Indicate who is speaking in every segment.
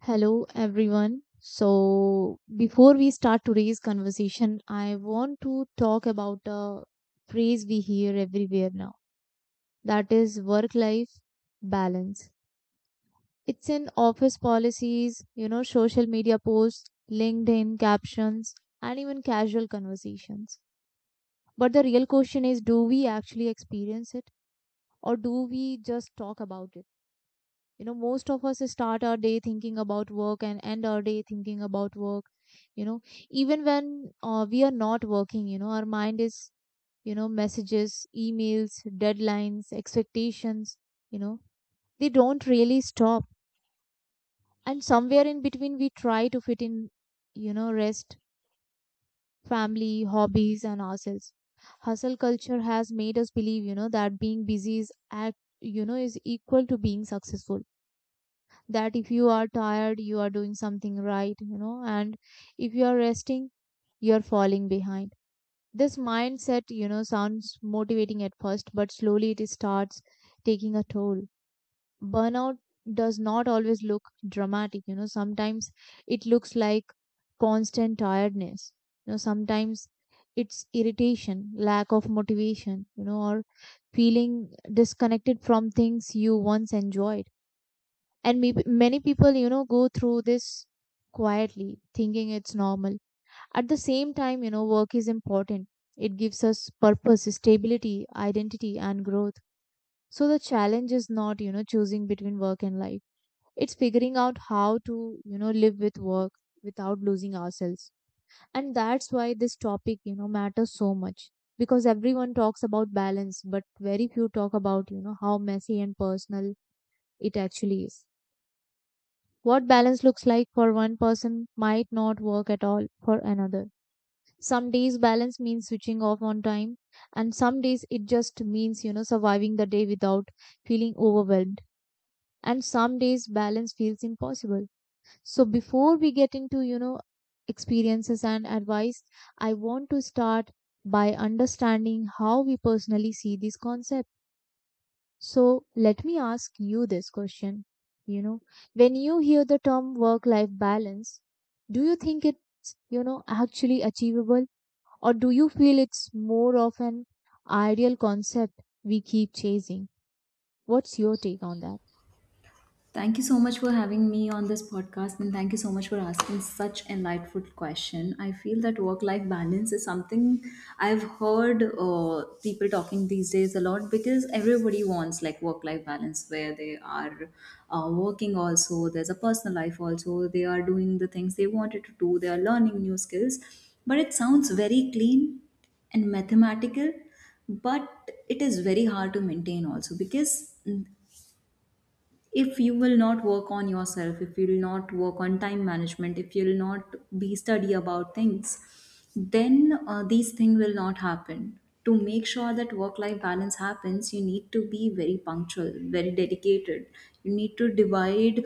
Speaker 1: Hello, everyone. So, before we start today's conversation, I want to talk about a phrase we hear everywhere now, that is work life balance. It's in office policies, social media posts, LinkedIn captions, and even casual conversations. But the real question is, do we actually experience it, or do we just talk about it? Most of us start our day thinking about work and end our day thinking about work you know Even when we are not working, our mind is, messages, emails, deadlines, expectations you know they don't really stop, and somewhere in between we try to fit in, rest, family, hobbies, and ourselves. Hustle culture has made us believe, that being busy is act you know is equal to being successful, that if you are tired, you are doing something right, and if you are resting, you are falling behind. This mindset, sounds motivating at first, but slowly it starts taking a toll. Burnout does not always look dramatic. Sometimes it looks like constant tiredness. Sometimes it's irritation, lack of motivation, or feeling disconnected from things you once enjoyed. And maybe many people go through this quietly, thinking it's normal. At the same time, work is important. It gives us purpose, stability, identity, and growth. So the challenge is not, choosing between work and life. It's figuring out how to, live with work without losing ourselves. And that's why this topic, matters so much, because everyone talks about balance, but very few talk about, how messy and personal it actually is. What balance looks like for one person might not work at all for another. Some days balance means switching off on time, and some days it just means surviving the day without feeling overwhelmed. And some days balance feels impossible. So before we get into experiences and advice, I want to start by understanding how we personally see this concept. So let me ask you this question. You know, when you hear the term work-life balance, do you think it's actually achievable, or do you feel it's more of an ideal concept we keep chasing? What's your take on that?
Speaker 2: Thank you so much for having me on this podcast, and thank you so much for asking such an insightful question. I feel that work life balance is something I've heard people talking these days a lot because everybody wants like work life balance where they are working also, there's a personal life also, they are doing the things they wanted to do, they are learning new skills. But it sounds very clean and mathematical, but it is very hard to maintain also, because if you will not work on yourself, if you will not work on time management, if you will not be study about things, then these things will not happen. To make sure that work life balance happens, you need to be very punctual, very dedicated. You need to divide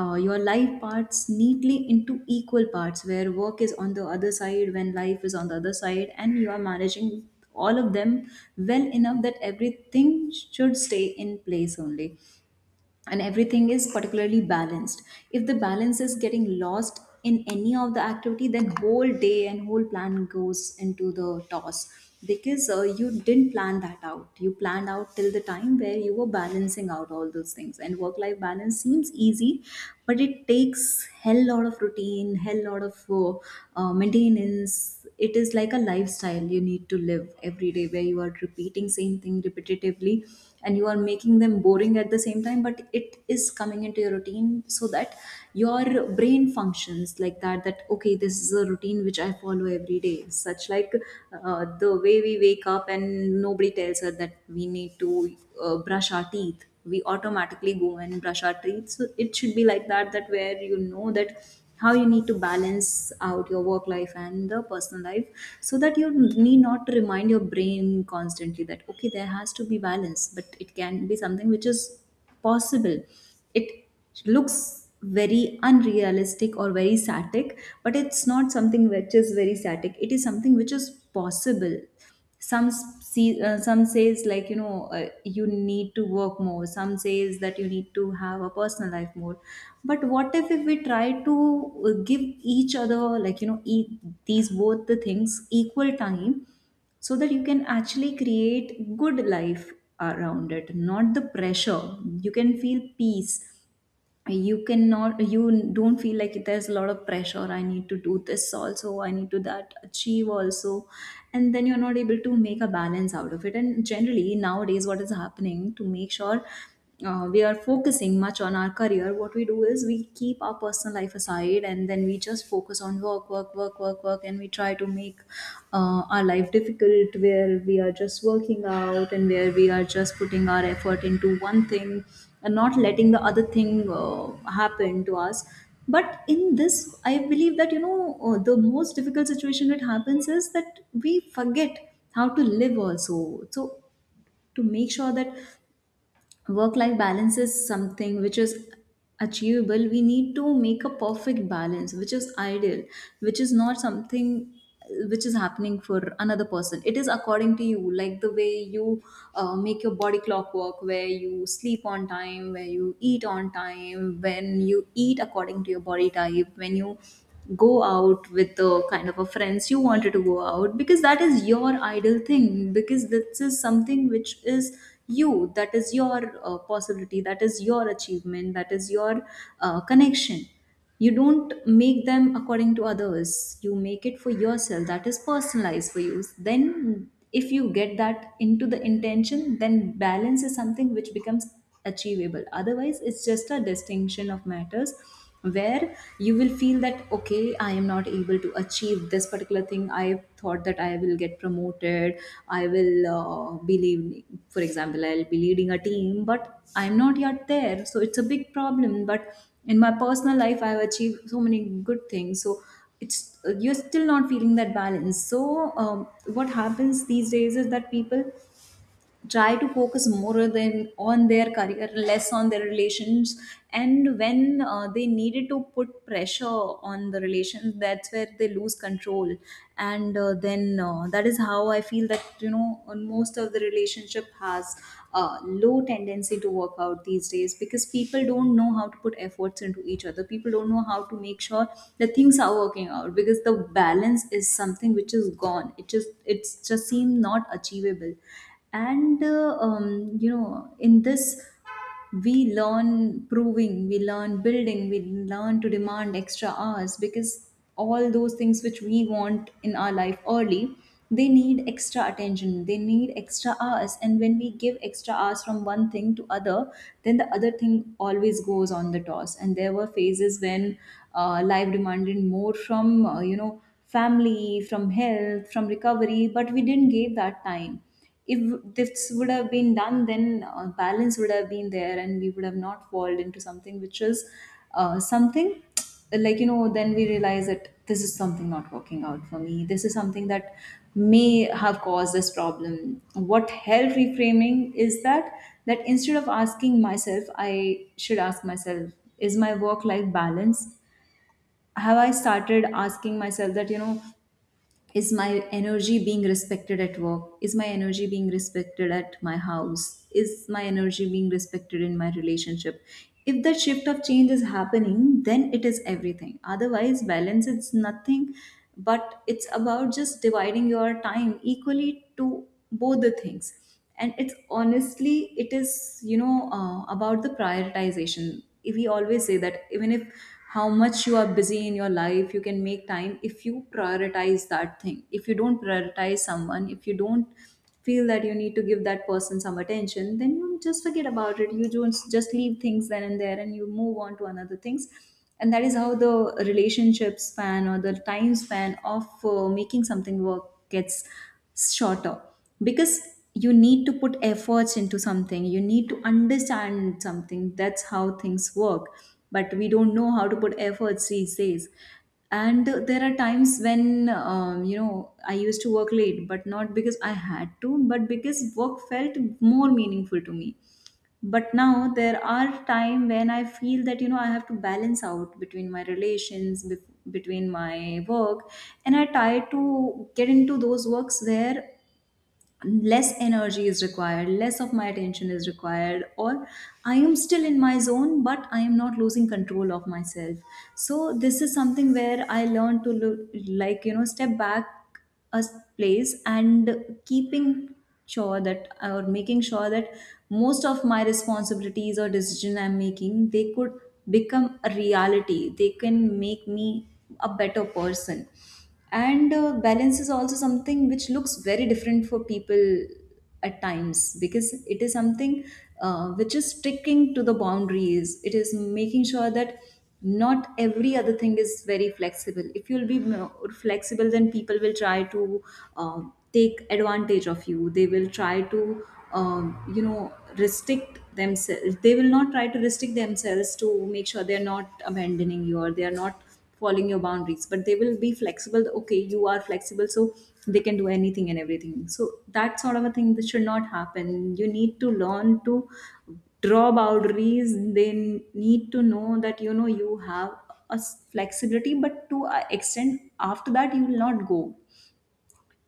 Speaker 2: your life parts neatly into equal parts where work is on the other side, when life is on the other side, and you are managing all of them well enough that everything should stay in place only and everything is particularly balanced. If the balance is getting lost in any of the activity, then whole day and whole plan goes into the toss, because you didn't plan that out. You planned out till the time where you were balancing out all those things, and work life balance seems easy, but it takes hell lot of routine, hell lot of maintenance. It is like a lifestyle you need to live every day, where you are repeating same thing repetitively and you are making them boring at the same time, but it is coming into your routine so that your brain functions like that, that okay, this is a routine which I follow every day, such like the way we wake up and nobody tells us that we need to brush our teeth, we automatically go and brush our teeth. So it should be like that, that where you know that how you need to balance out your work life and the personal life, so that you need not to remind your brain constantly that okay, there has to be balance. But it can be something which is possible. It looks very unrealistic or very static, but it's not something which is very static, it is something which is possible. See, some says like, you know, you need to work more, some says that you need to have a personal life more. But what if we try to give each other, like you know, these both the things equal time, so that you can actually create good life around it, not the pressure. You can feel peace. You cannot, you don't feel like there's a lot of pressure, I need to do this also, I need to that achieve also, and then you're not able to make a balance out of it. And generally nowadays what is happening, to make sure we are focusing much on our career, what we do is we keep our personal life aside, and then we just focus on work, work, work, work, work, and we try to make our life difficult, where we are just working out and where we are just putting our effort into one thing and not letting the other thing happen to us. But in this, I believe that, you know, the most difficult situation that happens is that we forget how to live also. So to make sure that work life balance is something which is achievable, we need to make a perfect balance which is ideal, which is not something which is happening for another person. It is according to you, like the way you make your body clock work, where you sleep on time, where you eat on time, when you eat according to your body type, when you go out with the kind of a friends you wanted to go out, because that is your ideal thing, because this is something which is you. That is your possibility, that is your achievement, that is your connection. You don't make them according to others, you make it for yourself, that is personalized for you. Then if you get that into the intention, then balance is something which becomes achievable. Otherwise it's just a distinction of matters, where you will feel that okay, I am not able to achieve this particular thing. I thought that I will get promoted, I will be leading, for example I'll be leading a team, but I'm not yet there, so it's a big problem. But in my personal life I've achieved so many good things, so it's, you're still not feeling that balance. So what happens these days is that people try to focus more than on their career, less on their relations, and when they needed to put pressure on the relations, that's where they lose control. And then that is how I feel that, you know, on most of the relationship has a low tendency to work out these days, because people don't know how to put efforts into each other, people don't know how to make sure that things are working out, because the balance is something which is gone. It just, it's just seem not achievable. And you know, in this we learn proving, we learn building, we learn to demand extra hours, because all those things which we want in our life early, they need extra attention, they need extra hours, and when we give extra hours from one thing to other, then the other thing always goes on the toss. And there were phases when life demanded more from, you know, family, from health, from recovery, but we didn't give that time. If this would have been done, then balance would have been there, and we would have not fallen into something which is something like, you know. Then we realize that this is something not working out for me. This is something that may have caused this problem. What help reframing is that? That instead of asking myself, I should ask myself, is my work life balance? Have I started asking myself that, you know, is my energy being respected at work, is my energy being respected at my house, is my energy being respected in my relationship? If that shift of change is happening, then it is everything. Otherwise balance is nothing, but it's about just dividing your time equally to both the things. And it's honestly, it is, you know, about the prioritization. If we always say that, even if how much you are busy in your life, you can make time if you prioritize that thing. If you don't prioritize someone, if you don't feel that you need to give that person some attention, then you just forget about it. You don't just leave things then and there, and you move on to another things. And that is how the relationship span or the time span of making something work gets shorter, because you need to put efforts into something, you need to understand something, that's how things work. But we don't know how to put efforts these days. And there are times when, you know, I used to work late, but not because I had to, but because work felt more meaningful to me. But now there are time when I feel that, you know, I have to balance out between my relations between my work. And I try to get into those works where less energy is required, less of my attention is required, or I am still in my zone but I am not losing control of myself. So this is something where I learned to look, like you know, step back a place and keeping sure that, or making sure that most of my responsibilities or decision I'm making, they could become a reality, they can make me a better person. And balance is also something which looks very different for people at times, because it is something which is sticking to the boundaries. It is making sure that not every other thing is very flexible. If you'll be more flexible, then people will try to uh, take advantage of you. They will try to, um, you know, restrict themselves, they will not try to restrict themselves to make sure they're not abandoning you, or they are not following your boundaries, but they will be flexible. Okay, you are flexible, so they can do anything and everything. So that sort of a thing that should not happen. You need to learn to draw boundaries. They need to know that, you know, you have a flexibility, but to a extent, after that you will not go.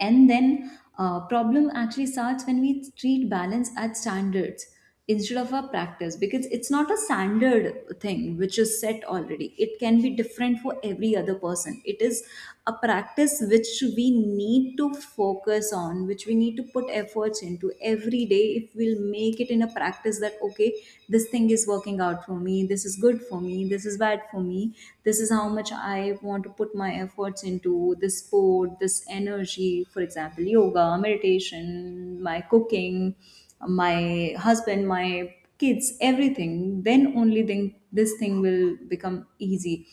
Speaker 2: And then problem actually starts when we treat balance as standards instead of a practice, because it's not a standard thing which is set already. It can be different for every other person. It is a practice which we need to focus on, which we need to put efforts into every day. If we'll make it in a practice that okay, this thing is working out for me, this is good for me, this is bad for me, this is how much I want to put my efforts into this sport, this energy, for example, yoga, meditation, my cooking, my husband, my kids, everything, then only then this thing will become easy.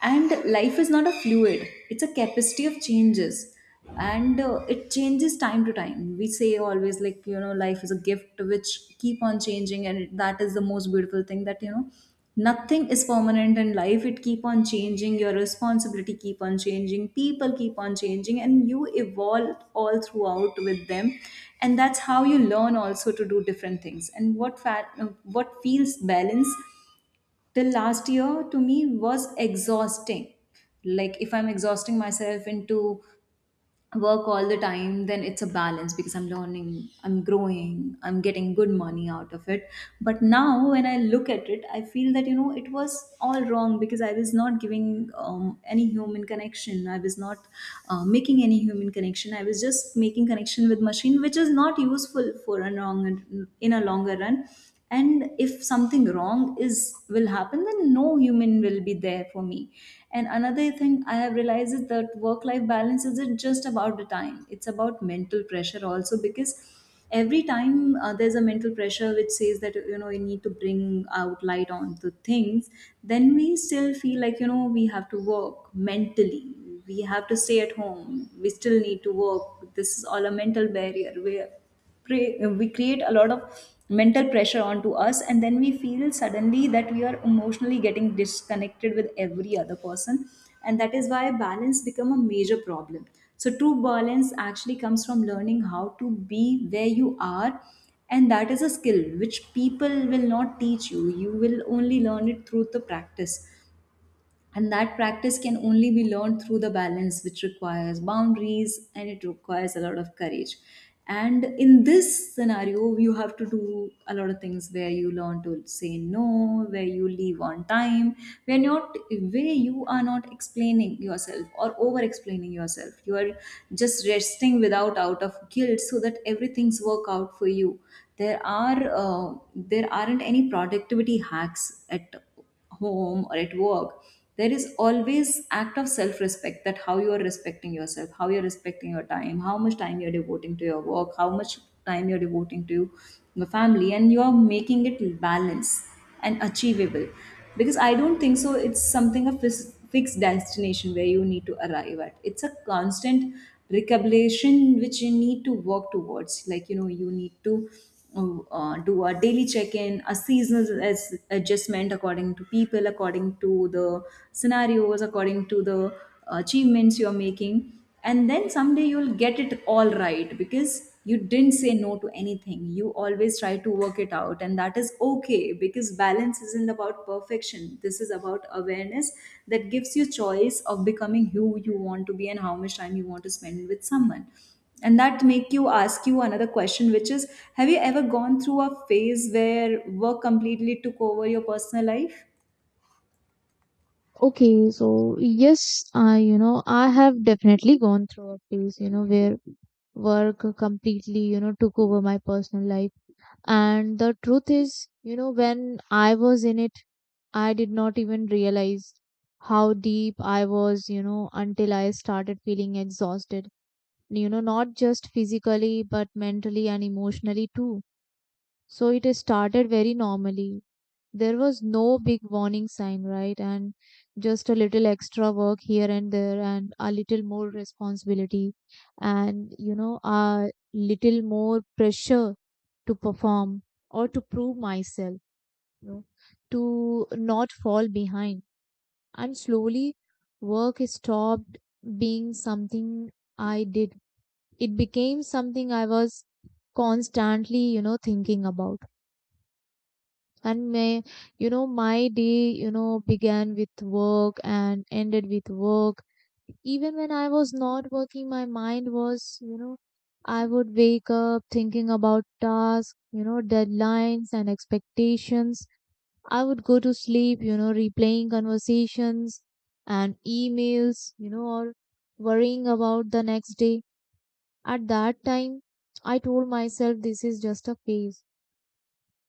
Speaker 2: And life is not a fluid, it's a capacity of changes. And it changes time to time. We say always, like, you know, life is a gift which keep on changing, and that is the most beautiful thing, that you know nothing is permanent in life. It keep on changing, your responsibility keep on changing, people keep on changing, and you evolve all throughout with them. And that's how you learn also to do different things and what feels balance. The last year to me was exhausting. Like, if I'm exhausting myself into work all the time, then it's a balance because I'm learning, I'm growing, I'm getting good money out of it. But now when I look at it, I feel that you know it was all wrong, because I was not giving any human connection. I was not making any human connection. I was just making connection with machine, which is not useful for a long, in a longer run. And if something wrong is, will happen, then no human will be there for me. And another thing I have realized is that work life balance isn't just about the time, it's about mental pressure also, because every time there's a mental pressure which says that you know you need to bring out light onto things. Then we still feel like you know we have to work mentally, we have to stay at home, we still need to work. This is all a mental barrier where we create a lot of mental pressure onto us, and then we feel suddenly that we are emotionally getting disconnected with every other person. And that is why balance become a major problem. So true balance actually comes from learning how to be where you are. And that is a skill which people will not teach you, you will only learn it through the practice. And that practice can only be learned through the balance, which requires boundaries, and it requires a lot of courage. And in this scenario, you have to do a lot of things where you learn to say no, where you leave on time, where not, where you are not explaining yourself or over explaining yourself, you are just resting without, out of guilt, so that everything's work out for you. There are there aren't any productivity hacks at home or at work. There is always act of self respect, that how you are respecting yourself, how you are respecting your time, how much time you're devoting to your work, how much time you're devoting to your family, and you're making it balance and achievable. Because I don't think so it's something, a fixed destination where you need to arrive at. It's a constant recalibration which you need to work towards, like you know you need to do a daily check-in, a seasonal as adjustment according to people, according to the scenarios, according to the achievements you're making. And then someday you'll get it all right, because you didn't say no to anything. You always try to work it out, and that is okay, because balance isn't about perfection. This is about awareness that gives you choice of becoming who you want to be and how much time you want to spend with someone. And that make you ask you another question, which is, have you ever gone through a phase where work completely took over your personal life?
Speaker 1: Okay, so yes, I you know I have definitely gone through a phase where work completely took over my personal life, and the truth is, when I was in it, I did not even realize how deep I was, until I started feeling exhausted, not just physically, but mentally and emotionally too. So it started very normally. There was no big warning sign, right? And just a little extra work here and there, and a little more responsibility, and a little more pressure to perform or to prove myself, you know, to not fall behind. And slowly, work stopped being something I did. It became something I was constantly thinking about. And my day, began with work and ended with work. Even when I was not working, my mind was. I would wake up thinking about tasks, deadlines, and expectations. I would go to sleep, replaying conversations and emails, or worrying about the next day. At that time, I told myself this is just a phase,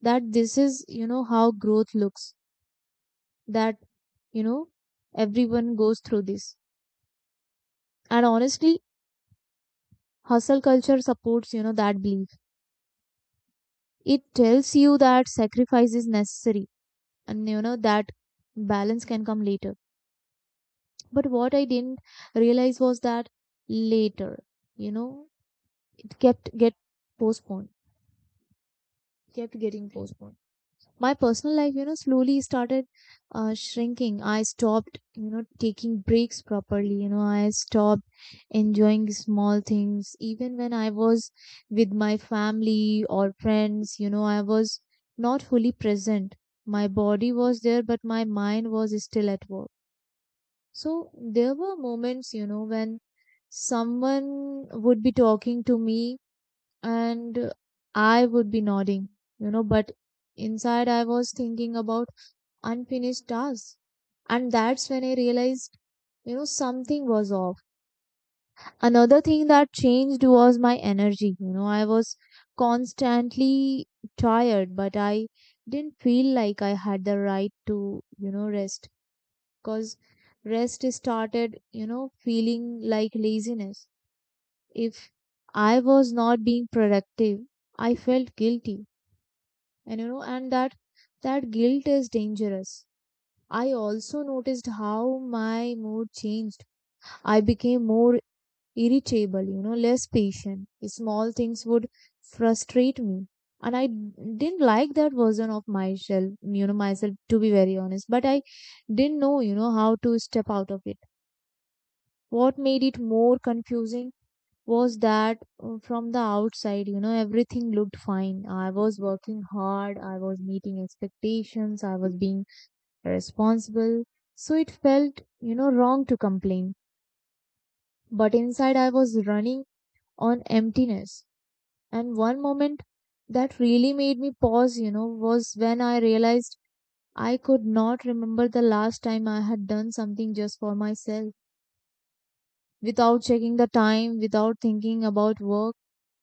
Speaker 1: that this is how growth looks, that, you know, everyone goes through this. And honestly, hustle culture supports that belief. It tells you that sacrifice is necessary, and that balance can come later. But what I didn't realize was that later, you know, it postponed, kept getting postponed. My personal life slowly started shrinking. I stopped taking breaks properly. I stopped enjoying small things. Even when I was with my family or friends, I was not fully present. My body was there, but my mind was still at work. So there were moments when someone would be talking to me and I would be nodding, but inside I was thinking about unfinished tasks. And that's when I realized something was off. Another thing that changed was my energy. I was constantly tired, but I didn't feel like I had the right to rest, because rest started feeling like laziness. If I was not being productive, I felt guilty. And that guilt is dangerous. I also noticed how my mood changed. I became more irritable, less patient. Small things would frustrate me. And I didn't like that version of myself, to be very honest. But I didn't know how to step out of it. What made it more confusing was that from the outside, everything looked fine. I was working hard, I was meeting expectations, I was being responsible. So it felt wrong to complain. But inside, I was running on emptiness. And one moment that really made me pause, was when I realized I could not remember the last time I had done something just for myself, without checking the time, without thinking about work.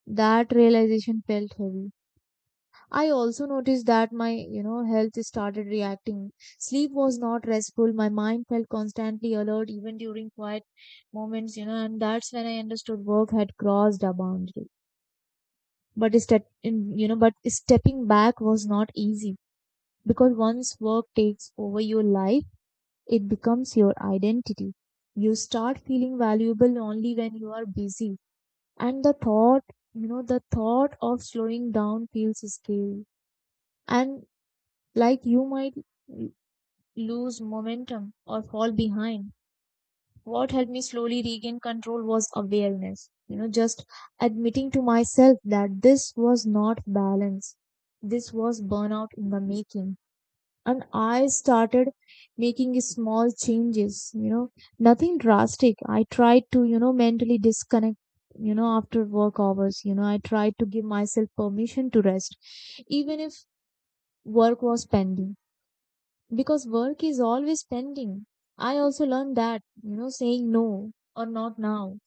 Speaker 1: That realization felt heavy. I also noticed that my health started reacting. Sleep was not restful. My mind felt constantly alert, even during quiet moments, and that's when I understood work had crossed a boundary. But step, in- you know, but stepping back was not easy, because once work takes over your life, it becomes your identity. You start feeling valuable only when you are busy, and the thought of slowing down feels scary. And like you might l- lose momentum or fall behind. What helped me slowly regain control was awareness. Just admitting to myself that this was not balance. This was burnout in the making. And I started making small changes, nothing drastic. I tried to mentally disconnect, after work hours. I tried to give myself permission to rest, even if work was pending, because work is always pending. I also learned that saying no or not now,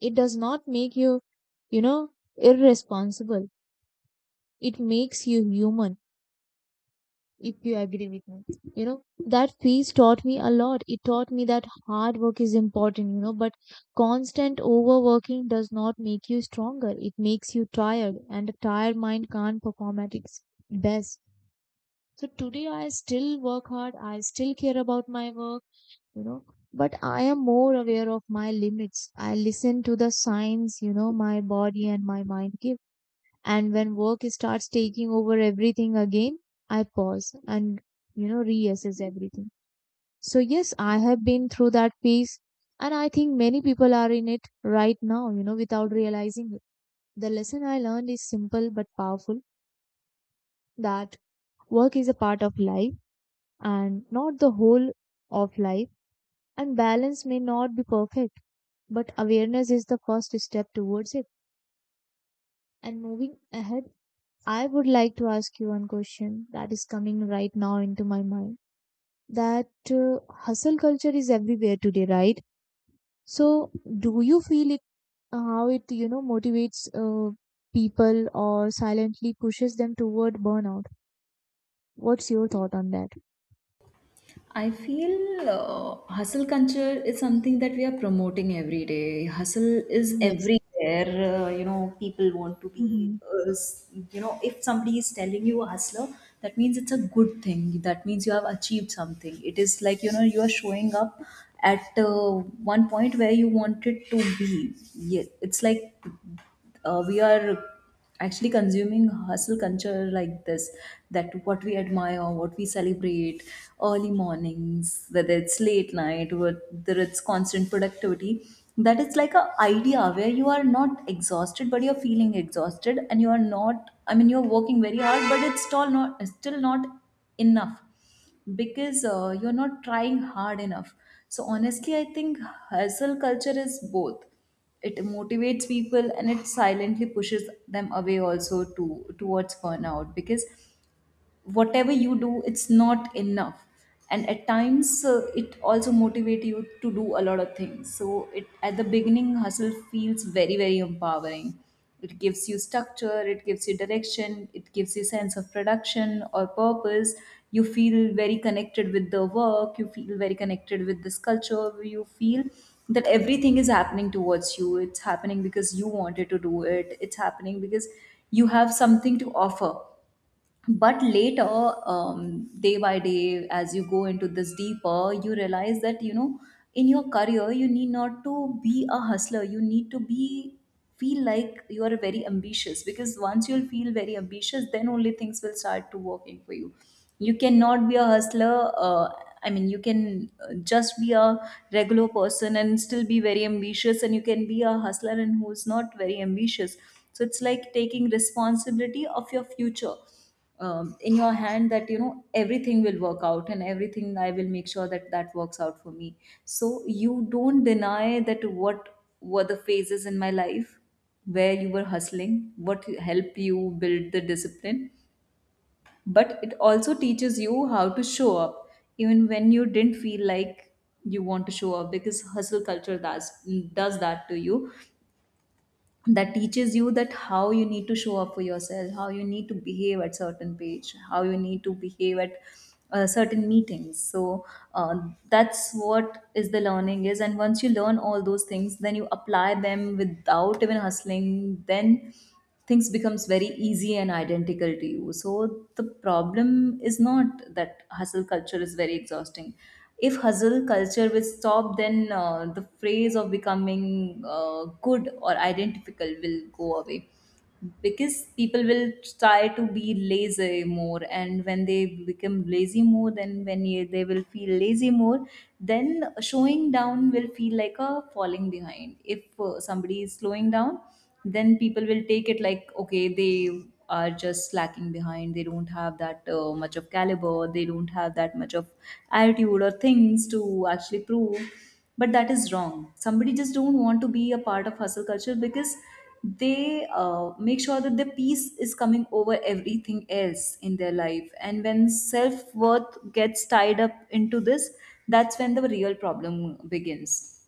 Speaker 1: it does not make you irresponsible. It makes you human, if you agree with me. You know, that piece taught me a lot. It taught me that hard work is important, but constant overworking does not make you stronger. It makes you tired, and a tired mind can't perform at its best. So today I still work hard. I still care about my work. you know but I am more aware of my limits. I listen to the signs my body and my mind give. And when work starts taking over everything again, I pause and reassess everything. So yes, I have been through that phase, and I think many people are in it right now, without realizing it. The lesson I learned is simple but powerful, that work is a part of life and not the whole of life. And balance may not be perfect, but awareness is the first step towards it. And moving ahead, I would like to ask you one question that is coming right now into my mind, that hustle culture is everywhere today, right? So, do you feel it how it motivates people, or silently pushes them toward burnout? What's your thought on that?
Speaker 2: I feel hustle culture is something that we are promoting every day. Hustle is
Speaker 1: Yes.
Speaker 2: everywhere. You know, people want to be,
Speaker 1: Mhm.
Speaker 2: you know, if somebody is telling you a hustler, that means it's a good thing. That means you have achieved something. It is like, you know, you are showing up at one point where you wanted to be. Yeah, it's like we are actually consuming hustle culture like this, that what we admire, what we celebrate, early mornings, whether it's late night, whether it's constant productivity. That is like a idea where you are not exhausted but you're feeling exhausted, and you are not, I mean you're working very hard, but it's still not enough. Because you're not trying hard enough. So honestly, I think hustle culture is both. It motivates people and it silently pushes them away also to towards burnout, because whatever you do, it's not enough. And at times, it also motivate you to do a lot of things. So it, at the beginning, hustle feels very very empowering. It gives you structure, it gives you direction, it gives you sense of production or purpose. You feel very connected with the work, you feel very connected with this culture, you feel that everything is happening towards you. It's happening because you wanted to do it, it's happening because you have something to offer. But later, day by day, as you go into this deeper, you realize that you know in your career you need not to be a hustler, you need to be, feel like you are very ambitious. Because once you'll feel very ambitious, then only things will start to working for you. You cannot be a hustler, I mean you can just be a regular person and still be very ambitious, and you can be a hustler and who's not very ambitious. So it's like taking responsibility of your future, in your hand, that you know everything will work out and everything, I will make sure that that works out for me. So you don't deny that what were the phases in my life where you were hustling, what helped you build the discipline. But it also teaches you how to show up even when you didn't feel like you want to show up, because hustle culture does that to you. That teaches you that how you need to show up for yourself, how you need to behave at certain page, how you need to behave at certain meetings. So uh, that's what is the learning is. And once you learn all those things, then you apply them without even hustling, then things becomes very easy and identical to you. So the problem is not that hustle culture is very exhausting. If hustle culture will stop, then the phrase of becoming good or identical will go away, because people will try to be lazy more, and when they become lazy more, then when you, they will feel lazy more, then showing down will feel like a falling behind. If somebody is slowing down, then people will take it like okay, they are just slacking behind, they don't have that much of caliber, they don't have that much of attitude or things to actually prove. But that is wrong. Somebody just don't want to be a part of hustle culture because they make sure that the peace is coming over everything else in their life. And when self-worth gets tied up into this, that's when the real problem begins.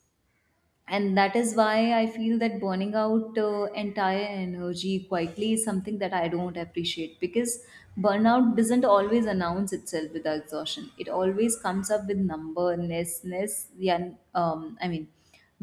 Speaker 2: And that is why I feel that burning out entire energy quietly is something that I don't appreciate. Because burnout doesn't always announce itself with exhaustion, it always comes up with numberlessness. Yeah, I mean,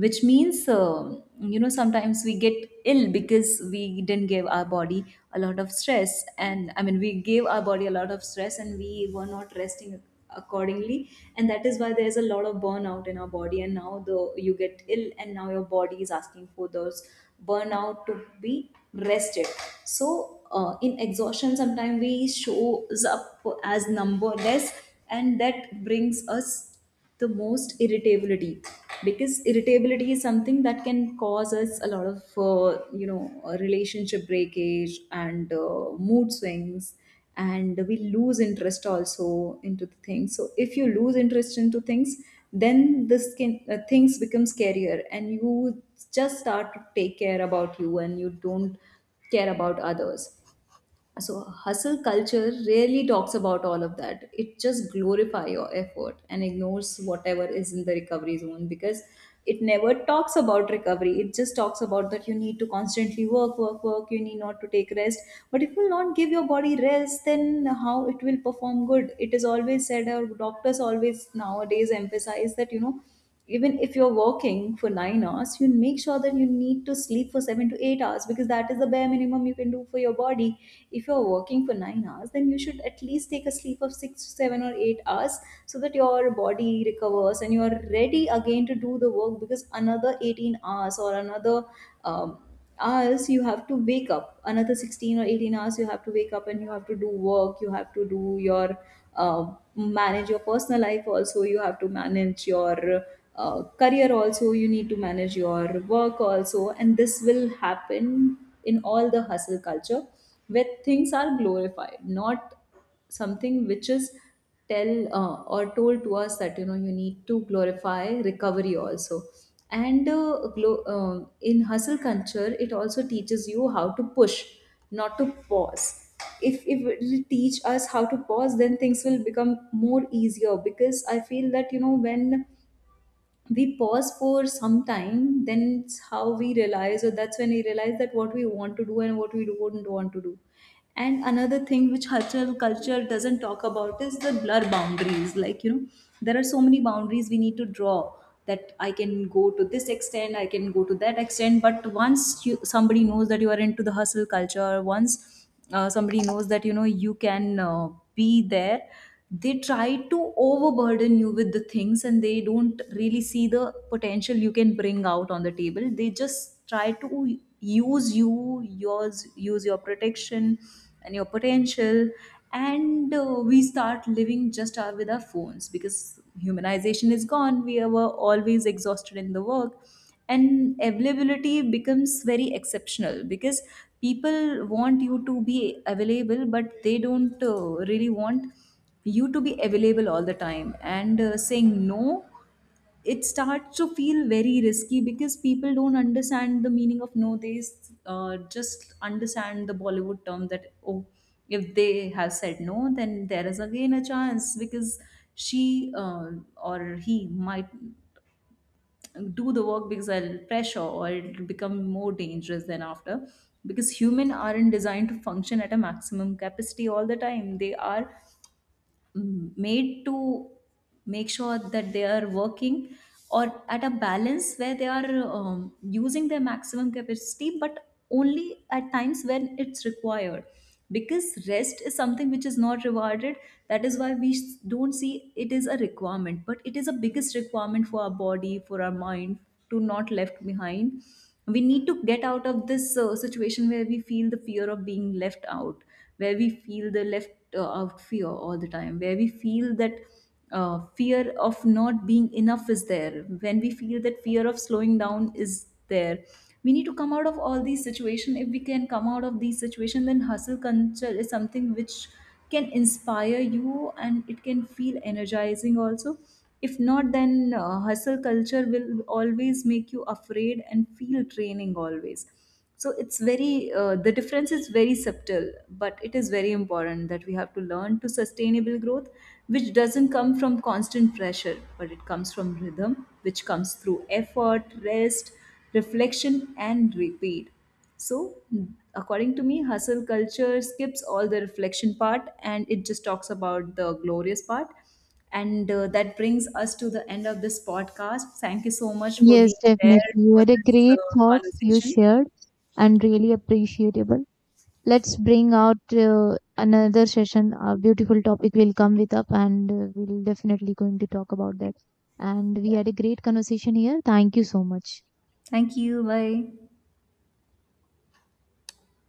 Speaker 2: which means, you know, sometimes we get ill because we didn't give our body a lot of stress, and I mean, we gave our body a lot of stress and we were not resting accordingly. And that is why there's a lot of burnout in our body, and now the, you get ill and now your body is asking for those burnout to be rested. So in exhaustion, sometimes we shows up as numberless, and that brings us the most irritability. Because irritability is something that can cause us a lot of relationship breakage and mood swings. And we lose interest also into the things. So if you lose interest into things, then this can things become scarier, and you just start to take care about you and you don't care about others. So hustle culture rarely talks about all of that, it just glorify your effort and ignores whatever is in the recovery zone. Because it never talks about recovery, it Just talks about that you need to constantly work. You need not to take rest. But if you not give your body rest, then how it will perform good? It is always said, our doctors always nowadays emphasize that even if you're working for 9 hours, you make sure that you need to sleep for 7 to 8 hours, because that is the bare minimum you can do for your body. If you're working for 9 hours, then you should at least take a sleep of 6 to 7 or 8 hours, so that your body recovers and you are ready again to do the work. Because another 18 hours or another um, hours you have to wake up, another 16 or 18 hours you have to wake up and you have to do work. You have to do your manage your personal life also, you have to manage your career also, you need to manage your work also, and this will happen in all the hustle culture where things are glorified, not something which is tell or told to us that you need to glorify recovery also. And in hustle culture, it also teaches you how to push, not to pause. If it will teach us how to pause, then things will become more easier, because I feel that when we pause for some time, then it's how we realize, or that's when we realize that what we want to do and what we don't want to do. And another thing which cultural culture doesn't talk about is the blur boundaries, like there are so many boundaries we need to draw, that I can go to this extent, I can go to that extent. But once you somebody knows that you are into the hustle culture, once somebody knows that you can be there, they try to overburden you with the things, and they don't really see the potential you can bring out on the table. They just try to use you yours, use your protection and your potential. And we start living just our, with our phones, because humanization is gone, we were always exhausted in the work. And availability becomes very exceptional, because people want you to be available, but they don't really want you to be available all the time. And saying no, it starts to feel very risky, because people don't understand the meaning of no. They just understand the Bollywood term that, oh, if they have said no, then there is again a chance, because she or he might do the work because I'll pressure, or it'll become more dangerous than after. Because human aren't designed to function at a maximum capacity all the time. They are made to make sure that they are working, or at a balance where they are using their maximum capacity but only at times when it's required. Because rest is something which is not rewarded. That is why we don't see it is a requirement, but it is a biggest requirement for our body, for our mind, to not left behind. We need to get out of this situation where we feel the fear of being left out, where we feel the left out fear all the time, where we feel that fear of not being enough is there, when we feel that fear of slowing down is there. We need to come out of all these situations. If we can come out of these situations, then hustle culture is something which can inspire you and it can feel energizing also. If not, then hustle culture will always make you afraid and feel draining always. So it's very the difference is very subtle, but it is very important that we have to learn to sustainable growth, which doesn't come from constant pressure, but it comes from rhythm, which comes through effort, rest, reflection and repeat. So, according to me, hustle culture skips all the reflection part and it just talks about the glorious part. And that brings us to the end of this podcast. Thank you so much for being
Speaker 1: Yes,
Speaker 2: there
Speaker 1: definitely. You
Speaker 2: for
Speaker 1: had a
Speaker 2: this
Speaker 1: great thoughts you
Speaker 2: conversation.
Speaker 1: shared, and really appreciable. Let's bring out another session. A beautiful topic will come with up, and we'll definitely going to talk about that. And we had a great conversation here. Thank you so much.
Speaker 2: Thank you. Bye.